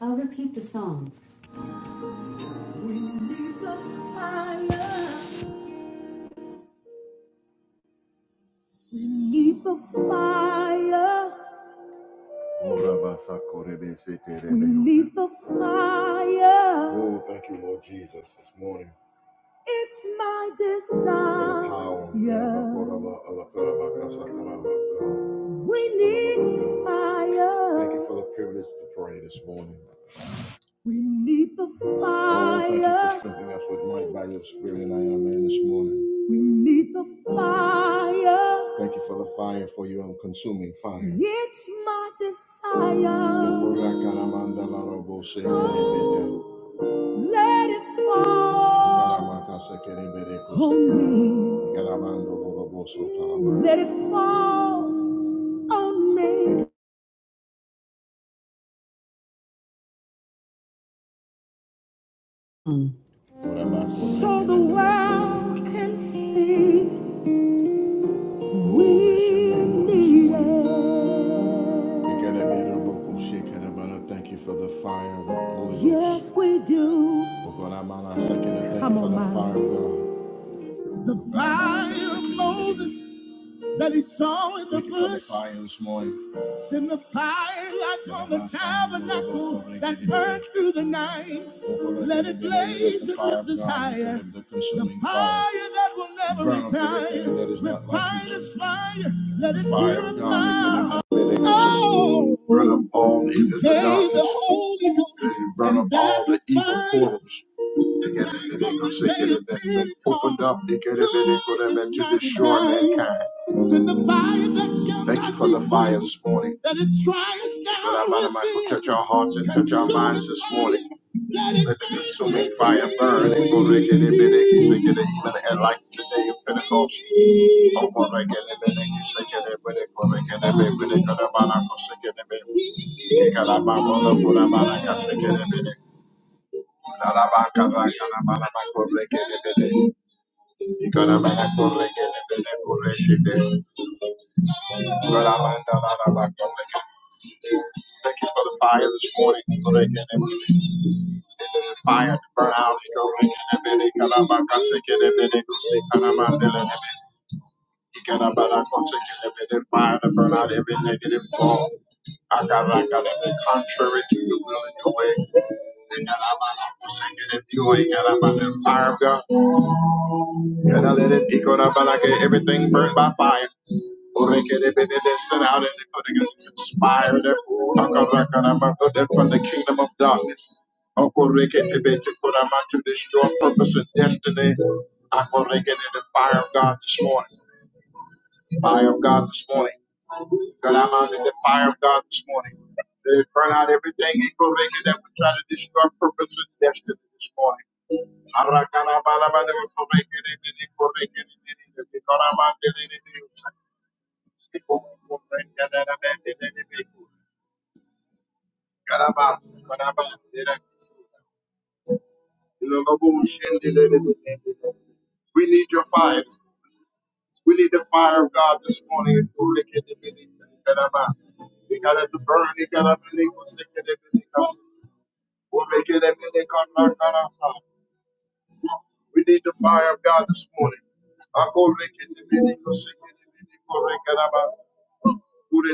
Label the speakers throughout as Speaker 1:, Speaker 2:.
Speaker 1: I'll repeat the song. Beneath the fire. Beneath the fire. Ora basako sete rebe We need the fire. Oh, thank you, Lord Jesus, this morning. It's my desire. Yeah. We need fire. Thank you for the privilege to pray this morning. We need the fire. Thank you for strengthening us with might by your spirit and I am man this morning. We need the fire. Thank you for the fire, for your consuming fire. It's my desire. Oh, Let it fall. On me. Let it fall on me. Mm. So the world can see we need it. Thank you for the fire of the Holy Ghost. Yes, we do. Come on, man. Thank you for The fire of God. The fire of Moses that he saw in the bush. Send the fire like on the tabernacle that burned through the night. Let it blaze with desire. The fire that will never retire. Refine this fire. Let it purify. Oh, burn up all the evil. burn up all the evil portals. Opened up the gate of heaven for them and to assure mankind. Thank you for the fires this morning. Thank you for that fire that will touch our hearts and touch our minds this morning. Let the consuming fire burn and bring deliverance, deliver even a light today in Pentecost. Oh, go like it, it, it, it, it, Thank you for the fire this morning. The fire to burn out. The fire to burn out every negative thought. I got like I contrary to the will and your way. the fire of God. And I let it pico da balake, everything burnt by fire. Orekerebedebes, and out and they put together conspire that Akarakaramaku, that from the kingdom of darkness. Okorekepebetekuramatu, To destroy purpose and destiny. i the fire of God this morning. Fire of God this morning. God, the fire of God this morning. They burn out everything in Korea that would try to destroy purpose and destiny this morning. We need your fire. We need the fire of God this morning. We got to burn. We got to burn. We need the fire of God this morning. Akoreketemenikosekenemenikorekaraba.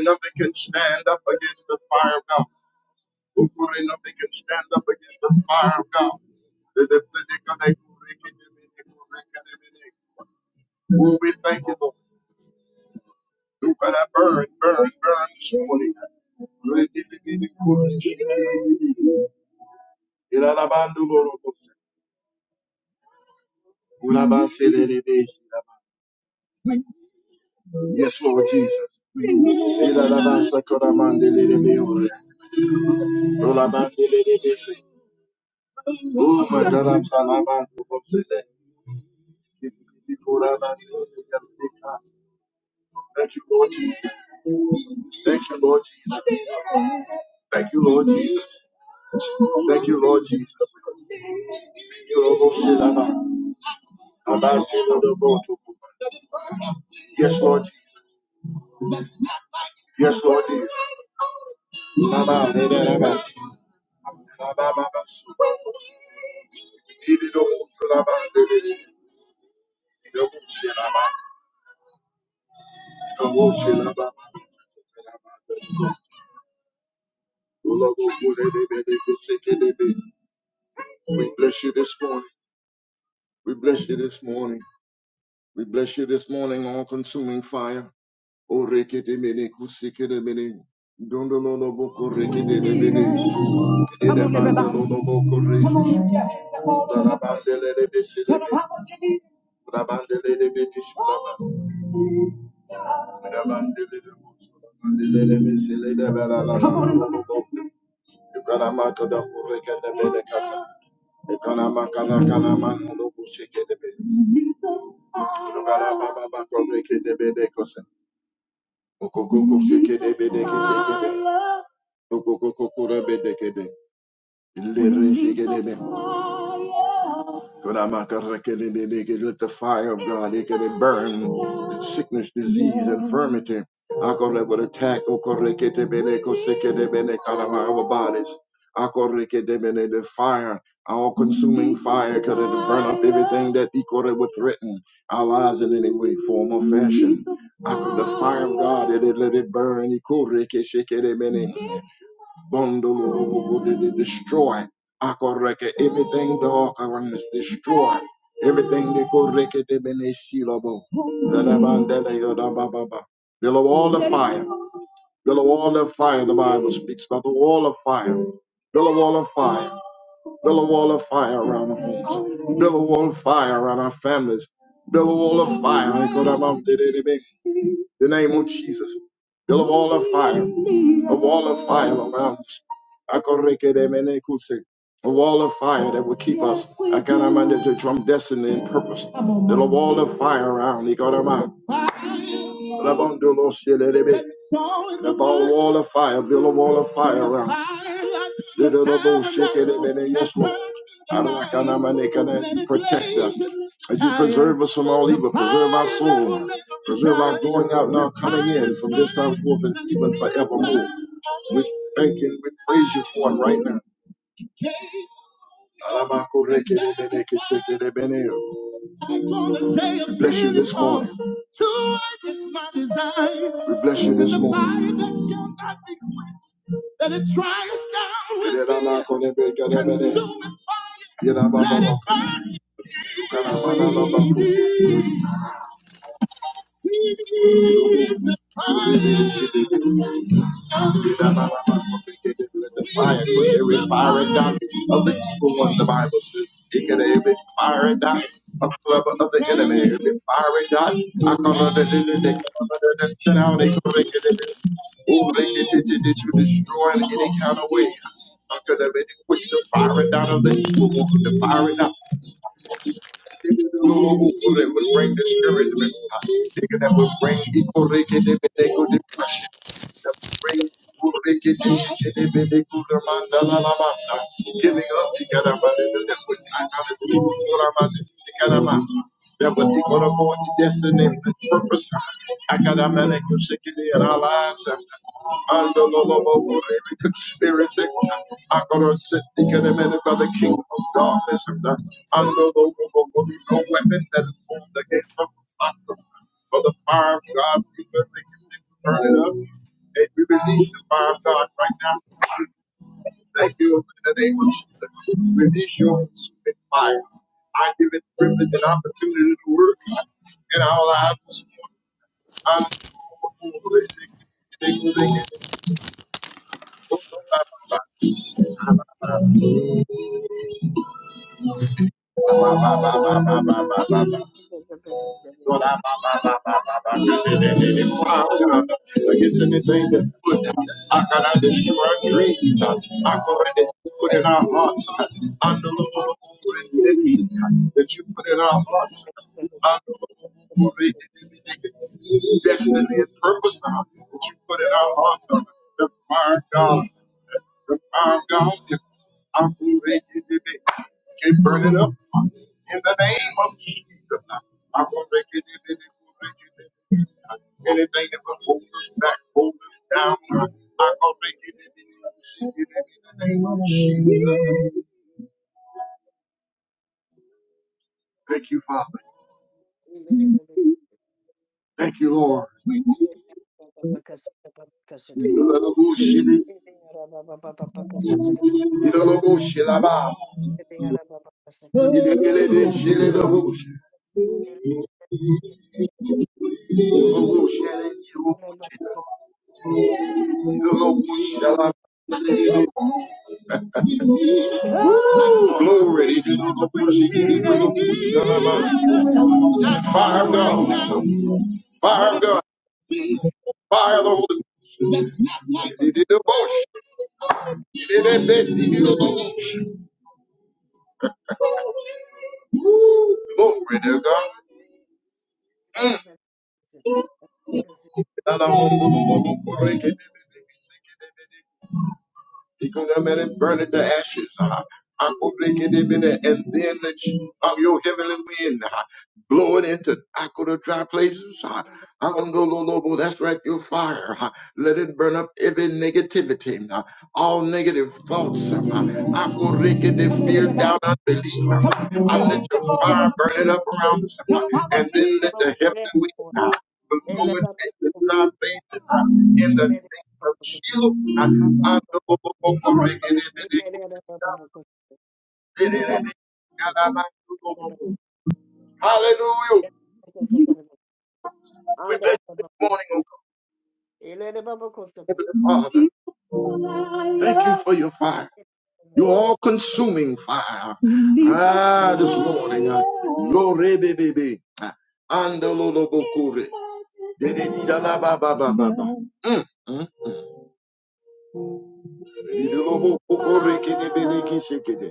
Speaker 1: nothing can stand up against the fire of God. Ukuri, nothing can stand up against the fire of God. Oh, we thank you, Lord. You gotta burn, burn, burn this morning. Urekenemenikorekenemene. Ilalabandulorobose. Ulabaselelebe. Yes, Lord Jesus. Oh, my God, Thank you, Lord Jesus. Thank you, Lord Jesus. Thank you, Lord Jesus. Thank you, Lord Jesus. Yes, Lord Jesus. Yes, Lord Jesus. Labandelelebe. Labababasu. Ibidobokulabandele. We bless you this morning. We bless you this morning. We bless you this morning, all consuming fire. Oh, rekedemene kusikedemene. Dondololoboko rekedemene. Dedemandololoboko rekis. Dalabandelelebesi. Rabandelelebedis. Rabandelelebus. Rabandelelebesi. Ledebelalabala. Ikalamakada Urekada Bedekasa. Ikalamakara Kalaman Lobushekebe. Ikalababa Korekede Bedekosa. Okokoko Shekede Bedekeshekebe. Okokoko Kurebedekede. We need the fire. God, I'm not gonna reckon it, it, it, it, Let the fire of God it can burn sickness, disease, infirmity. I go that would attack oh, God, reck it, it, it, go sick it, it, it, out of our bodies. I go reck it, it, it, the fire, all consuming fire, could it burn up everything that he could would threaten our lives in any way, form, or fashion. I go the fire of God, it, it, let it burn. He could reck it, shake it, it, it. Bundle destroy. Akoreke everything dark around is destroy. Everything they koreke de beneshilabo. Dalabandele yodabababa. Build a wall of fire. Build a wall of fire. The Bible speaks about the wall of fire. Build a wall of fire. Build a wall of fire around our homes. Build a wall of fire around our families. Build a wall of fire. In The name of Jesus. Build a wall of fire. A wall of fire around us a wall of fire that will keep us. I got our mind to drum destiny and purpose. There's a wall of fire around. He got our mind. Love on the Lord, shit, let it be. Love on wall of fire, build a wall of fire around. Did a little bull shake it, it Yes, Lord. I don't like our mind. They as you protect us, as you preserve us from all evil, preserve our soul, preserve our going out and our coming in from this time forth and even forevermore. We thank you, we praise you for it right now. Bless you this morning. We bless you this morning. the fire for every fiery dot of the evil one, the Bible says. He got every fiery dot of the lover of the enemy, every fiery dot. I come under the they come under that shut out, they come under this. Oh, they did did did did you destroy in any kind of way. Because of it, push the fiery dot of the evil one, the fiery dot. That would bring discouragement. Thinking That would bring equal they could depression praise, Giving up together, but that what they gonna go into destiny and purpose. I got a man that can shake it in our lives. And the Lord of all glory, conspiracy. I gotta sit together, man, by the King of darkness. And the and the Lord of all no weapon that is formed against them. For the fire of God, Turn it up. And we release you, Father God, right now. Thank you in the name of Jesus. Release your consuming fire. I give it privilege and opportunity to work in our lives this morning. I'm
Speaker 2: Thank you.
Speaker 1: Lord, I bow, against anything that's put. down, I got to destroy our dreams. I got to put in our hearts. I know that you put in our hearts. I know destiny and purpose now that you put in our hearts. under The fire, God. The fire, God. I'm gonna make it, Can't burn it up. In the name of Jesus, I will make it in it. it- it- it- Anything that will hold us back, hold us down, I will make it in it. it- it- it- In the name of Jesus. Thank you, Father. Thank you, Lord. Ilalabushili, ilalabushalaba, ilelelelelelelelabusha, ilalabushalaba, ilalabushalaba. Glory. ilalabushalaba. Fire of God. Fire of God. Fire of the Holy Ghost. He Did it devotion. Did it bed. He Did it devotion. Glory to God. Mm. Ikunamere, Burn it to ashes. ah. Akubrekidibide, And then let ch- of your heavenly wind, ah, blow it into uh, the dry places. uh, I'm ah. Angololobo, That's right, your fire. ah. Let it burn up every negativity, ah, all negative thoughts. I'm ah. the Fear, doubt, unbelief. ah. I let your fire burn it up around us, ah. and then let the
Speaker 2: Lord,
Speaker 1: heavenly
Speaker 2: yes,
Speaker 1: wind.
Speaker 2: Lord.
Speaker 1: uh, but
Speaker 2: They let
Speaker 1: Lord,
Speaker 2: up.
Speaker 1: they did not faint in her. In
Speaker 2: They
Speaker 1: the
Speaker 2: let it
Speaker 1: name
Speaker 2: up.
Speaker 1: of
Speaker 2: They
Speaker 1: Jesus,
Speaker 2: let it up. They let it
Speaker 1: Hallelujah.
Speaker 2: up.
Speaker 1: Morning, O God, Heavenly Father. Thank you for your fire. Your all consuming fire. Ah, this morning. ah, Glory, baby, baby. Ah, Andololobokure. Dedididalababababa. Mm, mm, mm. Dedidolobokore, kidibidikishikide.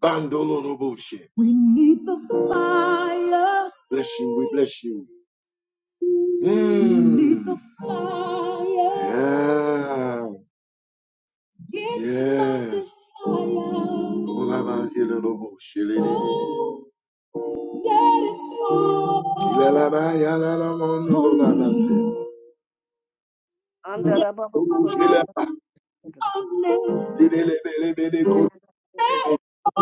Speaker 1: Bandoloroboshe. We need the fire. Bless you. We bless you. Mm. We need the Mm. fire. Yeah. It's my Yeah. My desire. Oh, let it fall on Let it fall Oh,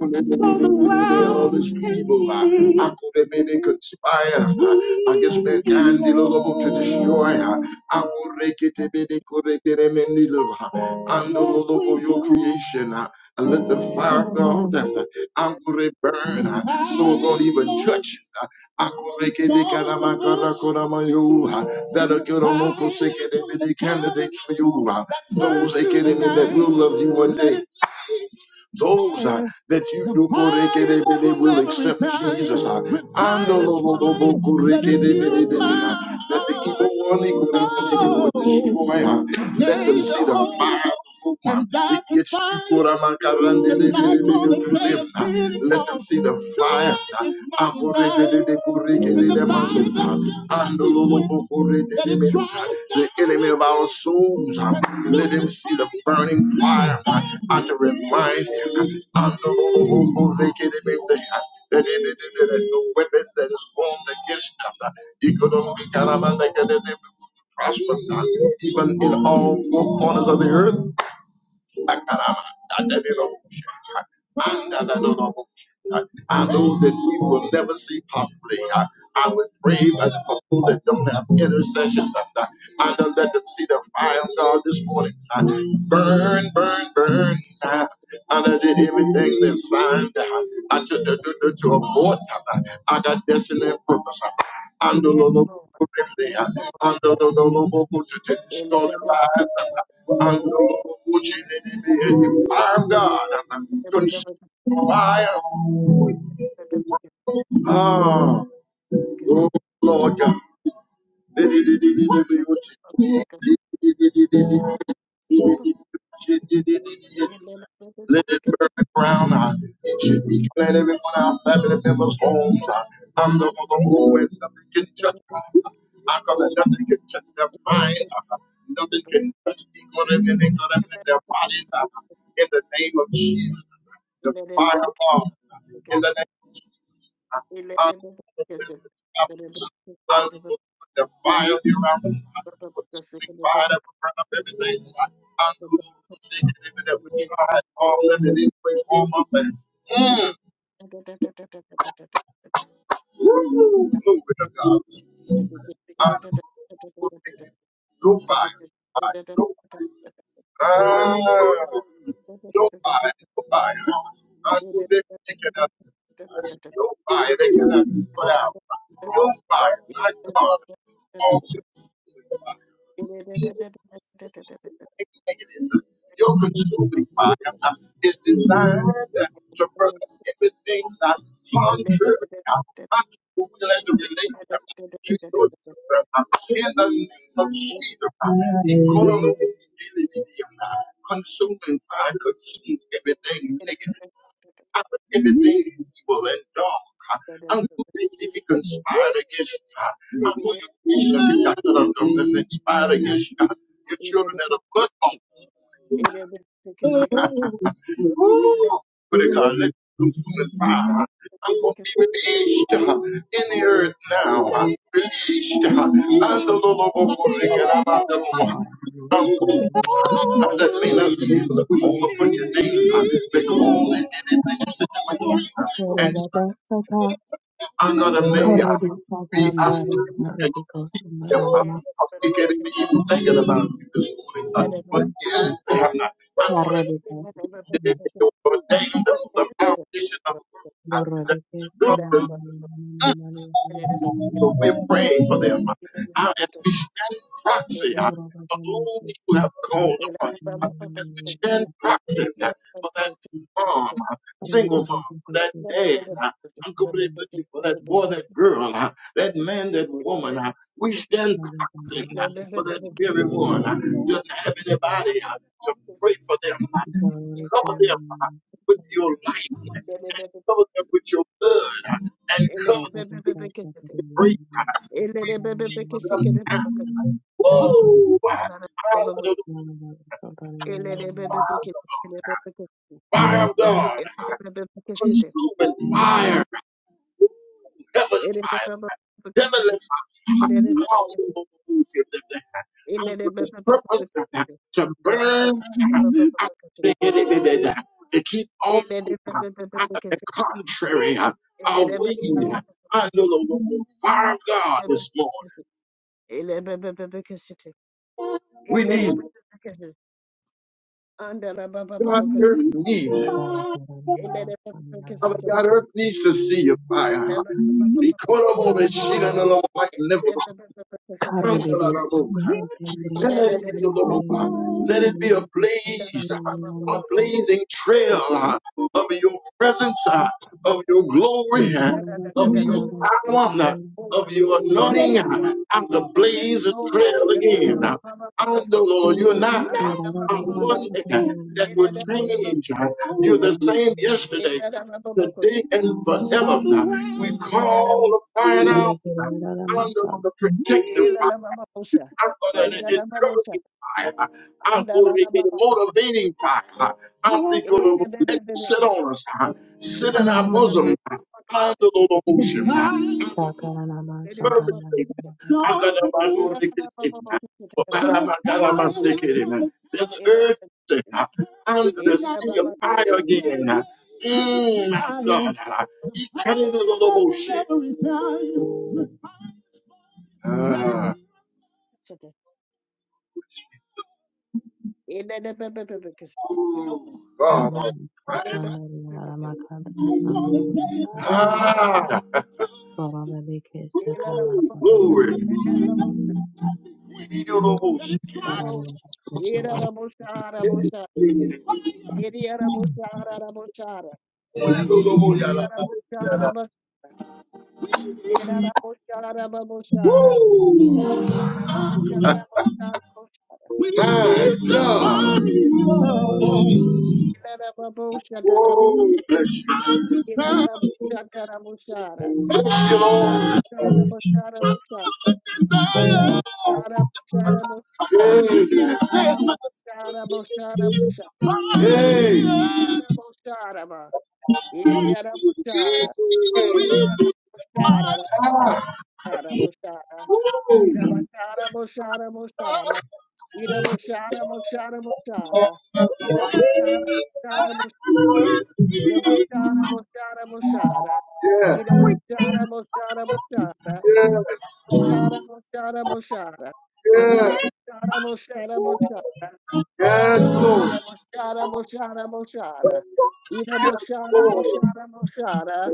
Speaker 1: So the world All these can people, uh, see. how could have made it conspire uh, against mankind the Lord to destroy I could make it they may they could they get them in the love, uh, And the Lord of your creation, uh, and let the fire go down. I could burn? So do not even touch. uh, how could make it they got them, uh, got them, got uh, That'll get on local sick and the candidates for you. uh, Those they get them in that will love you one day. Those uh, that you do korekedebede will accept Jesus. uh, and the lo- lo- lo- lo- uh, That the evil one he could have will destroy. uh, Let them see the fire of the Holy One. It Let them see the fire. uh, and the enemy of our souls. uh, Let him see the burning fire uh, and the remind him. And the Lord the weapons that is formed against us. uh, Economic element, uh, that they will prosper, uh, even in all four corners of the earth. I know that we will never see possibly. I I would pray that the people that don't have intercessions, I I don't let them see the fire of God this morning. I Burn, burn, burn. I I did everything that signed. I I took the to abort. I I got destiny and purpose. I I don't
Speaker 2: Yes,
Speaker 1: know.
Speaker 2: Lord.
Speaker 1: I'm
Speaker 2: Ele la
Speaker 1: God. Consume fire.
Speaker 2: baba,
Speaker 1: Ah,
Speaker 2: Because
Speaker 1: oh, Lord God. Let it burn around uh, each and each and every one of our family members' homes. Uh, I'm the one who and nothing can touch them. Uh, I come and nothing can touch their mind. Uh, nothing can touch the equilibrium and they're gonna let their bodies uh, in the name of Jesus. The fire of God in the name of Jesus. Hallelujah. Hallelujah. The fire of your arms, consuming fire that will burn up everything. Hallelujah. That we tried all living in way form of man. Woo! Glory to God. Hallelujah. No fire. Fire. No fire. Ah, no buy, no buy. I do they cannot. No buy, they cannot put out. No buy, I
Speaker 2: Thank
Speaker 1: call all consuming fire. Your consuming fire is designed to burn up everything that's contrary unto the will and the relation to your children uh, in the name of Jesus. uh, the economy of the medium, uh, Consuming fire consumes everything negative, uh, everything evil and dark. uh, And who if it conspired against you, uh, and who your creation is that of them that conspired against you, uh, your children that are blood bought. But it God let you consuming fire. I'm gonna be released uh, in the earth now. uh, Released. uh, And the Lord will bring Um, uh,
Speaker 3: Korababasata,
Speaker 1: That may not be able to call upon your name. uh, They call in anything situation. Another mayor,
Speaker 3: korebisata,
Speaker 1: be out
Speaker 3: mrari,
Speaker 1: and
Speaker 3: korebiko,
Speaker 1: keep them up.
Speaker 3: mrarama,
Speaker 1: I'm even thinking about you this morning. Uh, but yeah, they have not. I want
Speaker 3: korebiko,
Speaker 1: to ordained the foundation of the world. I did
Speaker 3: borobike,
Speaker 1: that. So we pray for them uh, as we stand
Speaker 2: you.
Speaker 1: proxy uh, for all you have
Speaker 2: Ele
Speaker 1: called upon. you. uh, As we stand proxy uh, for that mom, uh, single mom, for that dad, uh, uncle, that lady, for that boy, that girl, uh, that man, that woman. uh, We stand proxy uh, for that very one. uh, Doesn't have anybody uh, to pray for them. uh, Cover them uh, with your light. uh, Cover them with your blood uh, and cover break. We break for them down. Woo! Hallelujah.
Speaker 3: Thank
Speaker 1: Fire of God. Consuming fire. Heaven fire. Heavenly fire. And with the purpose to burn to keep
Speaker 2: Yes,
Speaker 1: all
Speaker 2: Lord. Yes,
Speaker 1: the contrary away under the fire of God this morning. We need God earth needs. it. Father God, earth needs to see your fire. Like never let it be a blaze, a blazing trail uh, of your presence, uh, of your glory, uh, of your power, uh, of your
Speaker 3: you.
Speaker 1: anointing. I'm the blaze a trail again. uh. I know, Lord, you're not uh, a
Speaker 2: Lord.
Speaker 1: one uh, that would
Speaker 2: Yes, Lord.
Speaker 1: change. uh. You're the same yesterday,
Speaker 2: Yes, Lord.
Speaker 1: today, and forever. uh. We
Speaker 2: Era Era
Speaker 1: call the fire down. uh, under the protective I'm going to encouraging fire. I'm going to get motivating fire. I'm going to let it sit on us, huh? sit in our bosom. huh? Under the motion. huh? I'm going to fervency. I'm going to I'm going to kiss it. huh? But I'm going to sick it. huh? There's an urgency
Speaker 2: Era
Speaker 1: huh? under the sea of fire again. huh? Mm, my God. huh? He cut it a motion. Ah,
Speaker 3: Brahman
Speaker 1: God.
Speaker 3: Sandalina Ramakanta Sandalavakarta
Speaker 1: Ah,
Speaker 3: Baba Bebe Sakama Sandalina
Speaker 1: glory. We do no more. We do no more. Yala.
Speaker 2: Iriarabushara, Iriarabushara, Babushara, Iriarabushara, Babushara, Bushara,
Speaker 1: My God.
Speaker 2: Iriarabushara, Iriarabushara, Bushara,
Speaker 1: Oh, bless you.
Speaker 2: Iriarabushara, Bushara, Bushara,
Speaker 1: Bless you, Lord.
Speaker 2: Iriarabushara, Bushara, Bushara, Iriarabushara, Bushara, Bushara,
Speaker 1: Hey.
Speaker 2: Iriarabushara, Ba, Iriarabushara, Iriarabushara, Bushara, Bushara, Iriarabushara, Bushara, Bushara, Iramoshara Moshara Moshara.
Speaker 1: Yeah,
Speaker 2: Iramoshara Moshara Moshara. Iramoshara Moshara Moshara. Iramoshara Moshara Moshara.
Speaker 1: yeah,
Speaker 2: Moshara Moshara Moshara.
Speaker 1: yeah.
Speaker 2: Moshara
Speaker 1: yes, Lord.
Speaker 2: Iramoshara Moshara Moshara. Moshara Iramoshara Moshara Moshara. Moshara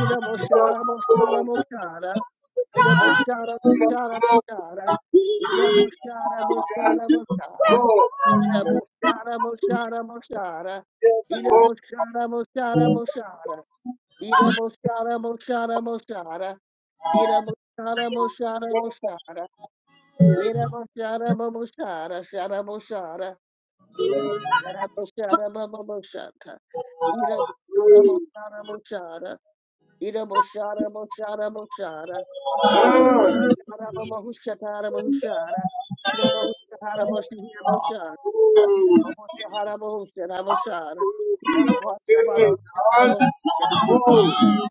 Speaker 2: Iramoshara Moshara Moshara. Moshara Iramoshara Moshara Moshara. Iramoshara Moshara Moshara. Iramoshara Moshara Moshara. Moshara.
Speaker 1: Lord.
Speaker 2: Ida boshara boshara boshara. Ida boshara boshara boshara. Ida boshara boshara boshara. Ida boshara boshara boshara. Ida boshara boshara shara boshara. Ida boshara boshara. Ida boshara boshara boshara. Ida boshara boshara boshara. Ida
Speaker 1: Ah.
Speaker 2: boshara boshara boshara. Ida boshara boshara boshara. Ida Moshara, Ida Moshara,
Speaker 1: That could be kidnapped at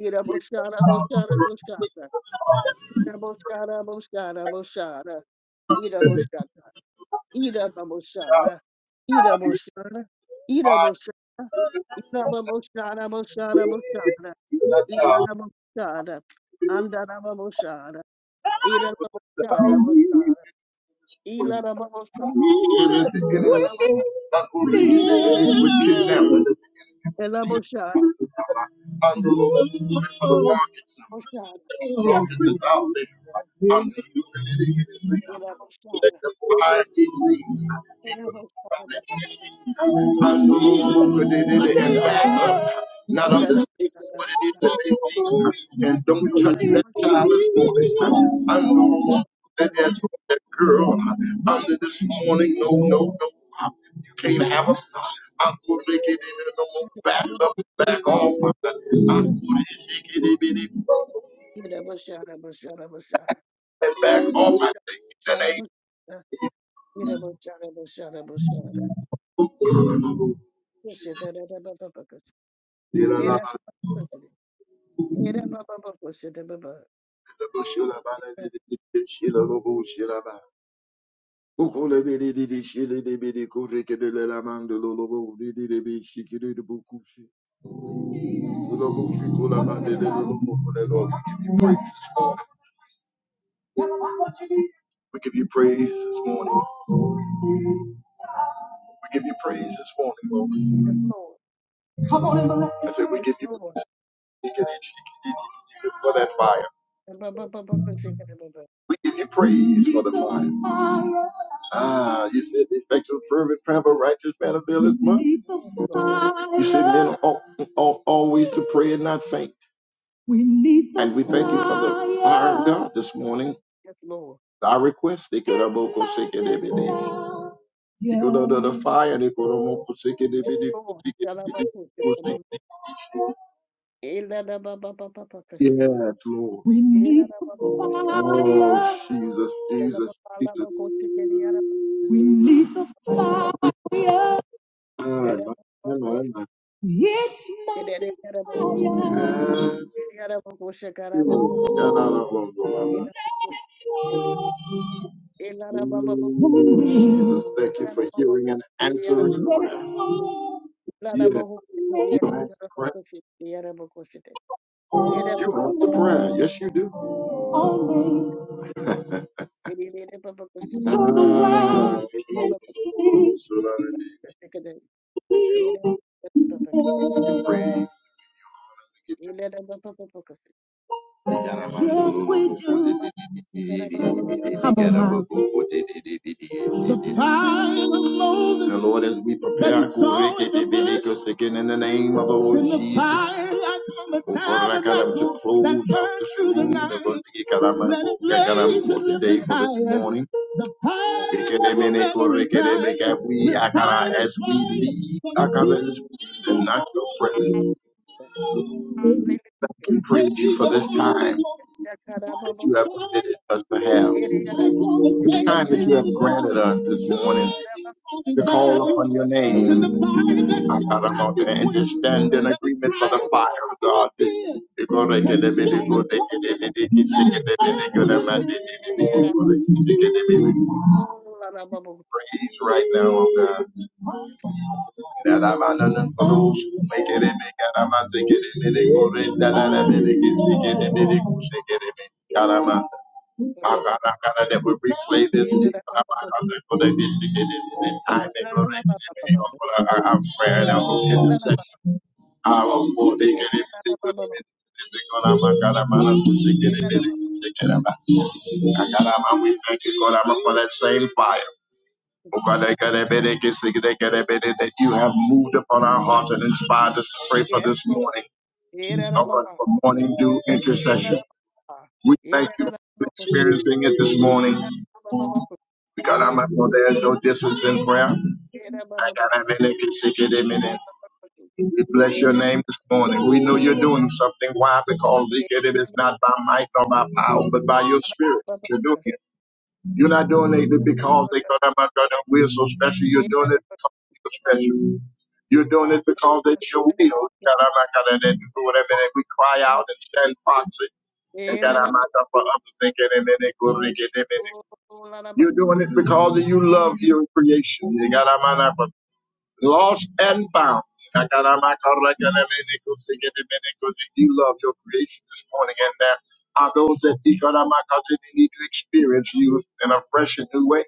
Speaker 2: Ira Moshara, Moshara, Moshara, Ilarababushara,
Speaker 1: the
Speaker 2: Andarababushara, Irababushara, Bushara, Ilarababushara, Ilarababushara,
Speaker 1: beginning of the
Speaker 2: Elabushara,
Speaker 1: I'm the Lord who look for the rock in
Speaker 2: Bushara,
Speaker 1: summer. Rock is without labor. I'm the Lord who hit the Let
Speaker 2: Elabushara,
Speaker 1: the blind be seen.
Speaker 2: Elabushara,
Speaker 1: I'm the Lord who could it in it and back up. Not understand
Speaker 2: Ilarabushara,
Speaker 1: what it is
Speaker 2: Bushara,
Speaker 1: that they see. And don't touch that child.
Speaker 2: Ilarabushara,
Speaker 1: I'm the Lord
Speaker 2: Ilarabushara,
Speaker 1: that, that, that girl uh, said this morning, no, no, no, uh, you can't have a uh, I'm going to make it in no more. Back up, back off. uh, I'm going to shake it in
Speaker 2: Irabushara, Bushara, Bushara, Irabushara, Bushara,
Speaker 1: and back off. I think
Speaker 2: Irabushara, Bushara, Bushara, Bushara, Bushara,
Speaker 1: that ain't
Speaker 2: Bushara, Irabushara, Irabushara, Bushara, Bushara,
Speaker 1: cool. Lord, We give you praise this morning. We give you praise this morning. We give you praise this morning, Lord.
Speaker 2: Yes, Lord.
Speaker 1: Come on and bless us. I said we
Speaker 2: Yes,
Speaker 1: give you
Speaker 2: Lord.
Speaker 1: praise for that fire.
Speaker 2: Ba- ba- ba- ba- ba- shake it, ba- ba.
Speaker 1: We give you praise for the fire. Ah, you said the effectual fervent prayer of a righteous man availeth much.
Speaker 2: Yes, Lord.
Speaker 1: You said men ought, ought always to pray and not faint. And we thank you for the fire of God this morning.
Speaker 2: Yes, Lord.
Speaker 1: Our request, they could have both forsaken every day. Because of the fire, they could almost forsake it,
Speaker 2: Yes, Lord. Yala ba- ba- ba- ba- ba. Ela da ba- ba- ba- ba- ba- ba- shake.
Speaker 1: Yes, Lord.
Speaker 2: Ela da ba- ba- ba- shake.
Speaker 1: Oh, Jesus,
Speaker 2: Da da
Speaker 1: Jesus,
Speaker 2: ba- ba- la
Speaker 1: Jesus.
Speaker 2: ba- ba- shake. Yada yada ba- ba- shake. Da
Speaker 1: Ah,
Speaker 2: da ba- ba. Da
Speaker 1: my,
Speaker 2: da
Speaker 1: my,
Speaker 2: ba- ba-
Speaker 1: my,
Speaker 2: ba- shake.
Speaker 1: my. Yes, yeah, no,
Speaker 2: Yada yada yada ba- ba-
Speaker 1: no, no, no, no,
Speaker 2: shake.
Speaker 1: no.
Speaker 2: Yada yada ba- ba- shake. Da da ba- ba. Yada ba- ba- shake. Ba- ba. Ela
Speaker 1: Oh,
Speaker 2: da ba- ba- ba- ba. shake.
Speaker 1: Jesus, thank you
Speaker 2: Ela
Speaker 1: for
Speaker 2: da ba- ba-
Speaker 1: hearing
Speaker 2: ba-
Speaker 1: and
Speaker 2: shake. Yada yada ba- ba.
Speaker 1: answering prayer.
Speaker 2: Ela da
Speaker 1: Yes,
Speaker 2: ba- ba-
Speaker 1: you
Speaker 2: shake. Yada yada
Speaker 1: answer
Speaker 2: ba-
Speaker 1: prayer.
Speaker 2: ba- shake. Yada yada ba- ba- shake. Let up
Speaker 1: You answer prayer. Yes, you do. So the world can
Speaker 2: Hallelujah.
Speaker 1: see. Praise. we give you Yes, we do. Come on now. The fire of Moses. The Lord, as we prepare our kurekete again in the name of the Lord Send the Jesus. Ora cara to close out the tabernacle that burned through the night. Let it blaze in the Today, for this morning. The fire that will never Kurekete, retire. we, as we leave Akara's and not your presence. Thank you, praise you for this time that you have permitted us to have. The time that you have granted us this morning to call upon your name. Ah, God, I'm out there and just stand in agreement for the fire of God. You're gonna get a bit of good, they get a bit, they get a bit, they get a bit, they get a bit, they get a bit, they get a bit. Praise right now, oh God. That I'm on the cross. Make it a bit, God, I'm out to get it, they go, they, da, da, da, they get, they get a bit, they get a bit. God, I'm out. Ah, God, ah, God, ah, that we replay this thing. Ah, God, ah, God, that this thing, this thing, this make that God, ah, God, ah, God, ah, our prayer and our
Speaker 2: Yes,
Speaker 1: intercession.
Speaker 2: Papa.
Speaker 1: Our Lord, they get
Speaker 2: Era
Speaker 1: everything good to me.
Speaker 2: Baba.
Speaker 1: This thing, God, ah, my God, ah, man, I'm gonna get it,
Speaker 2: Era
Speaker 1: get
Speaker 2: Baba. Era
Speaker 1: it,
Speaker 2: Baba.
Speaker 1: get it, ah, Ah, God, ah, my, we thank you, God, ah, for that same fire. Oh, God, ah, God, ah, God, ah, this thing, ah, God, ah, God, ah, that you have moved upon our hearts and inspired us to pray for this morning.
Speaker 2: Era
Speaker 1: Oh, God,
Speaker 2: Baba.
Speaker 1: for morning due
Speaker 2: Era
Speaker 1: intercession. We thank you for experiencing it this morning because I'm not, there's no distance in prayer. I
Speaker 2: Era Baba.
Speaker 1: gotta have any consecutive minutes. We bless your name this morning. We know you're doing something. Why? Because it is not by might nor by power, but by your spirit. You're doing it. You're not doing it because they thought I'm not going We are so special. You're doing it because you're special. You're doing it because it's your will. God, I'm not going to do whatever that we cry out and stand proxy. And God,
Speaker 2: Era
Speaker 1: I'm not
Speaker 2: Baba.
Speaker 1: going to for others. thinking, and then they go, you're doing it because you love your creation. You got on my lap. Lost and found. I got on my car, I got on my they get the nickel, and You love your creation this morning, and there are those that you got our mind caught they need to experience you in a fresh and new way.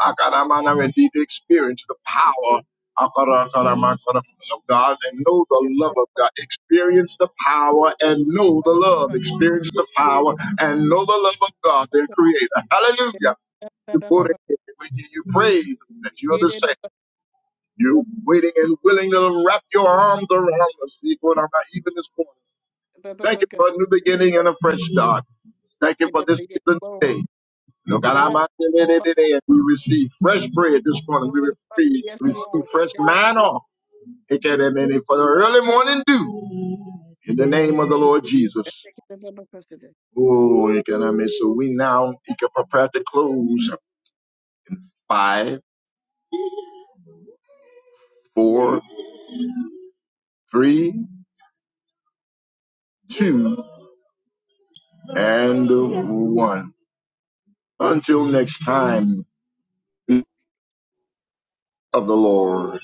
Speaker 1: Akaramana, and need to experience the power Akarakaramakaram, of God and know the love of God. Experience the power and know the love. Experience the power and know the love of God, their creator. Hallelujah the Buddha, we give you praise that you're the same. You're waiting and willing to wrap your arms around us, even even this morning. Thank you for a new beginning and a fresh start. Thank you for this given day.
Speaker 2: Era Baba.
Speaker 1: Galamandelelelele. We receive fresh bread this morning. We
Speaker 2: All past
Speaker 1: receive,
Speaker 2: years
Speaker 1: receive
Speaker 2: forward,
Speaker 1: fresh
Speaker 2: take the book of-
Speaker 1: manna. Ekelemene, For the early morning dew in the name of the Lord
Speaker 2: Yes,
Speaker 1: Jesus.
Speaker 2: Lord. Thank you, Lord.
Speaker 1: Oh, ekeleme. so we now can prepare to close. Five, four, three, two, and one. Until next time of the Lord.